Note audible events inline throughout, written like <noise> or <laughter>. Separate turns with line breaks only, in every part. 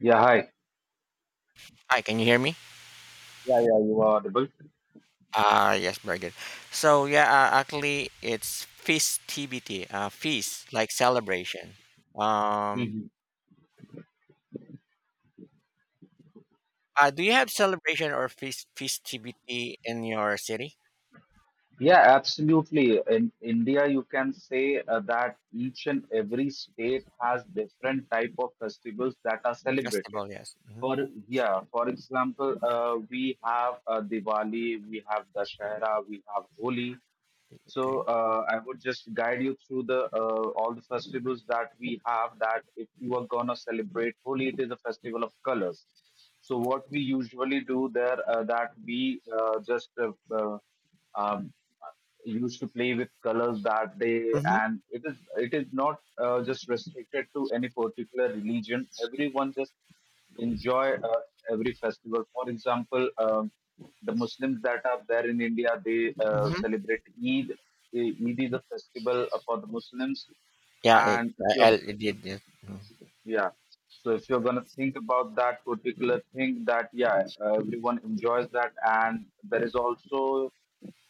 Yeah, hi.
Hi, can you hear me?
Yeah, yeah, you are audible.
Ah, yes, very good. So yeah, it's festivity, feast like celebration. Um,
Mhm.
do you have celebration or feast festivity in your city?
Yeah, absolutely. In India, you can say that each and every state has different type of festivals that are celebrated.
Festival, yes. Hmm.
For Yeah, for example, we have Diwali, we have Dashera, we have Holi. So
Okay.
I would just guide you through the all the festivals that we have. That if you are gonna celebrate Holi, it is a festival of colors. So what we usually do there, that we just um, used to play with colors that day,
Mm-hmm.
and it is not, just restricted to any particular religion. Everyone just enjoy, every festival. For example, the muslims that are there in india, they
Mm-hmm.
celebrate eid. Eid is a festival for the muslims.
Yeah, it,
And if you
It did. It. Mhm.
Yeah. So if you're going to think about that particular thing, that yeah, everyone enjoys that, and there is also,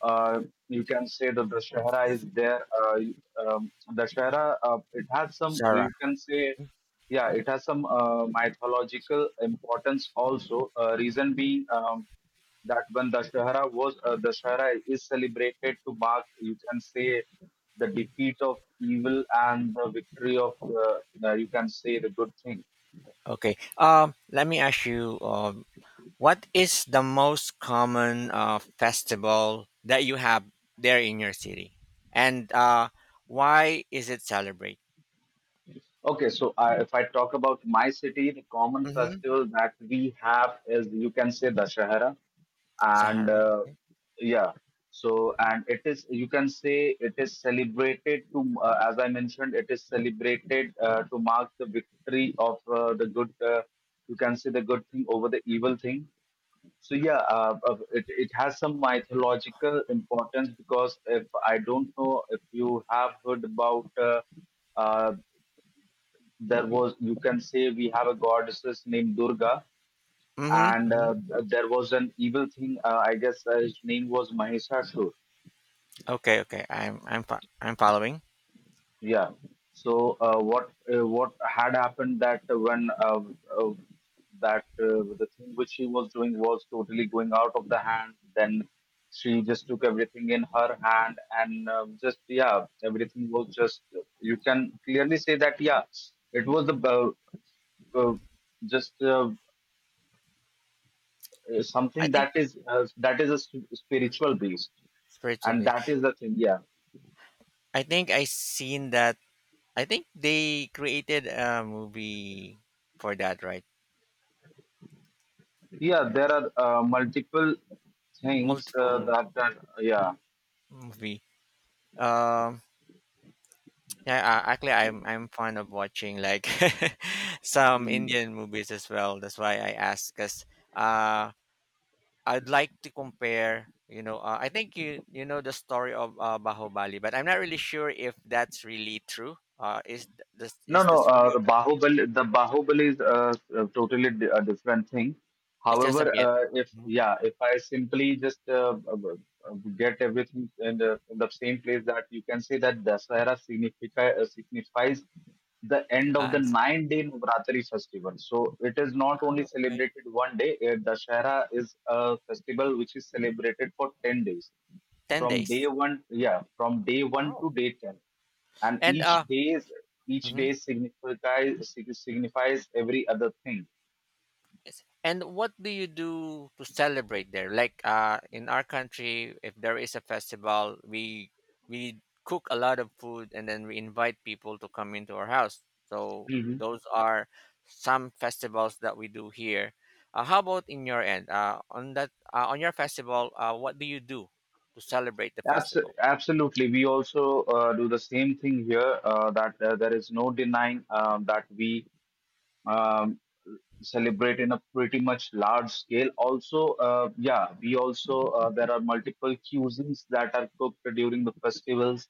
uh, you can say, that the Shahara is there. The Shahara, it has some,
Sarah.
you can say, yeah, it has some mythological importance also. Reason being, that when Dashahara was Dashahara is celebrated to mark, you can say, the defeat of evil and the victory of, you can say, the good thing.
Okay. Let me ask you. What is the most common festival that you have there in your city, and why is it celebrated?
Okay, so if I talk about my city, the common
Mhm.
festival that we have is, you can say, Dashahara, and
Sahara, okay.
yeah, so, and it is, you can say, it is celebrated to as I mentioned, it is celebrated to mark the victory of the good. You can say the good thing over the evil thing. So yeah, it has some mythological importance because if I don't know if you have heard about. Uh, there was, you can say, we have a goddesses named durga,
Mhm,
and
mhm.
there was an evil thing, I guess his name was mahishasur.
Okay, okay. I'm following.
Yeah, so what had happened that when uh, that the thing which she was doing was totally going out of the hand. Then she just took everything in her hand and, just, yeah, everything was just, you can clearly say that, yeah, it was the uh, just
I
something
think
that is a spiritual base,
spiritual
and
base.
that is the thing. Yeah,
I think I seen that. I think they created a movie for that, right?
yeah, there are multiple things
Multiple
that that yeah.
movie. Um, yeah, I'm fond of watching like <laughs> some
Hmm.
Indian movies as well. That's why I asked, cause uh, I'd like to compare, you know, I think you know the story of Bahubali, but I'm not really sure if that's really true. Is this
No,
is
no.
this really?
The Bahubali, the Bahubali is totally a different thing.
It's just a
However,
myth.
if
Mhm.
yeah, if I simply just get everything in in the same place, that you can say that Dasahara significa, signifies the end of the
I see.
nine-day Navratri festival. So it is not
Ah,
only
okay.
celebrated one day. Dasahara is a festival which is celebrated for ten days,
Ten
from day
days.
one, yeah, from day one
Wow.
to day 10, and
And uh,
each
mhm.
day signifies, signifies every other thing.
Yes. And what do you do to celebrate there? Like in our country, if there is a festival, we cook a lot of food and then we invite people to come into our house. So
Hmm.
those are some festivals that we do here. How about in your end? On your festival, what do you do to celebrate the festival?
Absolutely, we also do the same thing here, that there is no denying, that we, um, celebrate in a pretty much large scale. Also, yeah, we also, there are multiple cuisines that are cooked during the festivals,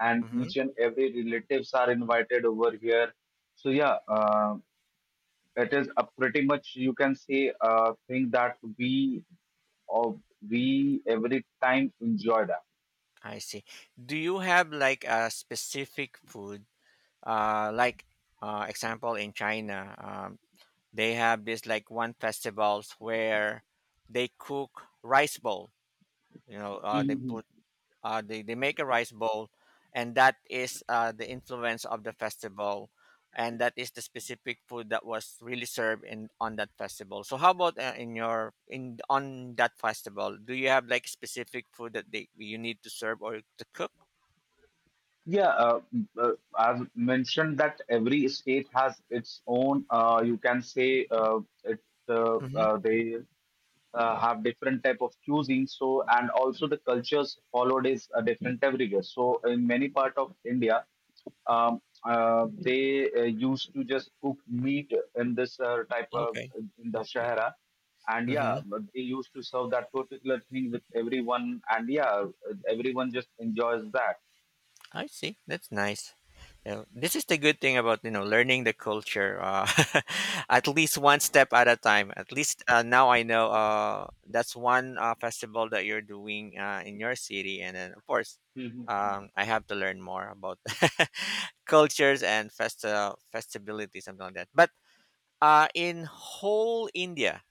and
Mm-hmm.
each and every relatives are invited over here. So yeah, it is a pretty much, you can say, thing that of we every time enjoy
I see. Do you have like a specific food? Uh, like Example in China. They have this like one festivals where they cook rice bowl, you know, uh, they
that.
put uh, they, they make a rice bowl, and that is the influence of the festival, and that is the specific food that was really served in on that festival. So how about in your in on that festival, do you have like specific food that they you need to serve or to cook?
Yeah, I've mentioned that every state has its own. You can say it.
Hmm.
They have different type of cuisine. So, and also the cultures followed is different everywhere. So in many part of India, um, they used to just cook meat in this type of,
Okay.
in the
Okay.
shahara. And
Hmm.
yeah, but they used to serve that particular thing with everyone, and yeah, everyone just enjoys that.
I see, that's nice. Yeah, this is the good thing about, you know, learning the culture, <laughs> at least one step at a time. At least now I know that's one festival that you're doing in your city, and then of course
Mhm.
I have to learn more about <laughs> cultures and festa festivities, something like that. But in whole India,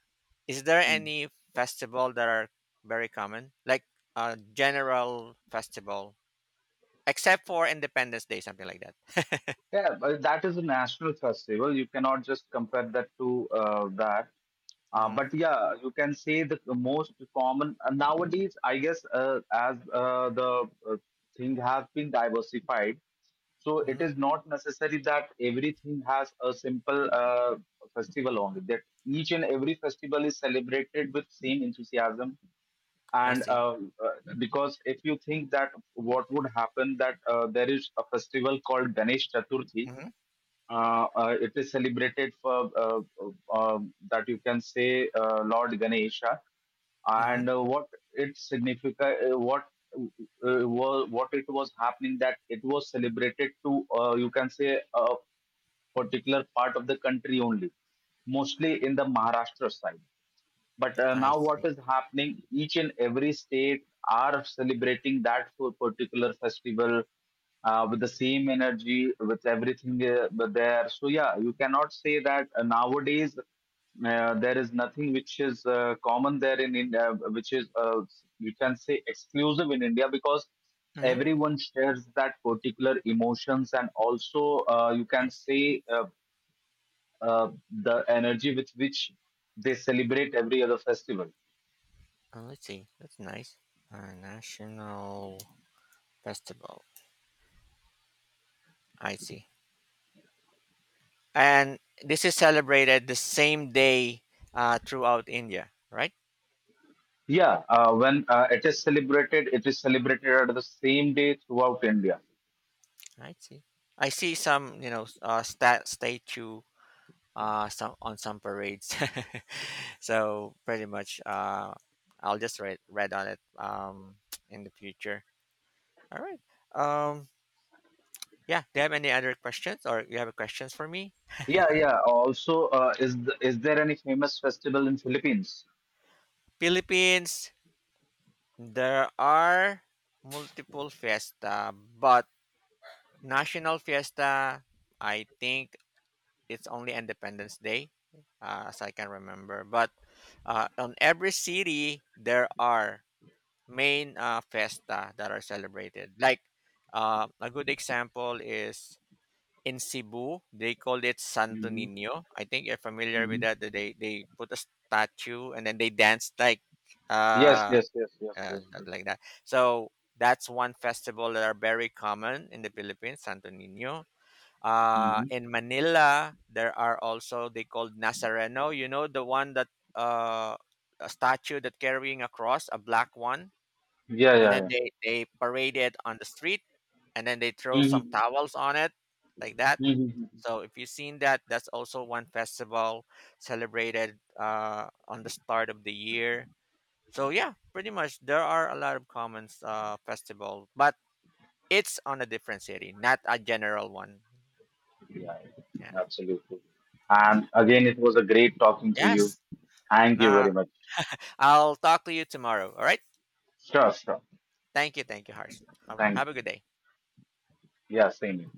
is there any festival that are very common, like a general festival, except for Independence Day, something like that? <laughs>
Yeah, but that is a national festival. You cannot just compare that to that.
Mhm.
But yeah, you can say the most common, nowadays, I guess, as the uh, thing has been diversified. So it
Mhm,
is not necessary that everything has a simple festival only. That each and every festival is celebrated with same enthusiasm,
I
and
see.
uh, because if you think that, what would happen, that there is a festival called Ganesh Chaturthi,
Mhm.
it is celebrated for that you can say Lord Ganesha,
Mhm,
and what it significa, what it was happening, that it was celebrated to you can say a particular part of the country only, mostly in the Maharashtra side. But
I
now what
see.
is happening? Each and every state are celebrating that for particular festival with the same energy, with everything there. So yeah, you cannot say that nowadays there is nothing which is common there in India, which is, you can say, exclusive in India, because
Mhm,
everyone shares that particular emotions, and also you
I
can
see.
say uh, the energy with which they celebrate every other festival.
Oh, let's see. That's nice. A national festival. I see. And this is celebrated the same day throughout India, right?
Yeah, when it is celebrated at the same day throughout India.
I see. I see some, you know, statue, some on some parades. <laughs> So pretty much, I'll just read on it, <tsk> in the future. All right. Um, Yeah, do you have any other questions, or you have questions for me?
Yeah, yeah. Also, is there any famous festival in Philippines?
Philippines, there are multiple fiesta, but national fiesta, I think it's only Independence Day, as I can remember. But on every city, there are main fiesta that are celebrated. Like a good example is in Cebu, they called it Santo
Mm-hmm.
Nino. I think you're familiar with
Mm-hmm.
that. They put a statue and then they danced
Yes,
uh,
yes, yes, yes,
uh
yes, yes.
like that. So that's one festival that are very common in the Philippines, Santo Nino.
Mm-hmm.
In Manila, there are also they called Nazareno. You know the one that uh, a statue that carrying a cross, a black one,
Yeah,
and
yeah,
then
yeah.
they parade it on the street, and then they throw some
Mm-hmm.
towels on it, like that.
Mm-hmm.
So if you've seen that, that's also one festival celebrated on the start of the year. So yeah, pretty much there are a lot of common festivals, but it's on a different city, not a general one.
Yeah, yeah,
Yes,
absolutely.
yes,
And again, it was a great talking to you.
yes.
Thank you
Nah,
very much.
I'll talk to you tomorrow. All right.
Sure, sure.
Thank you, Harsh. Have
Thank
have a good
you.
day.
Yeah, same here.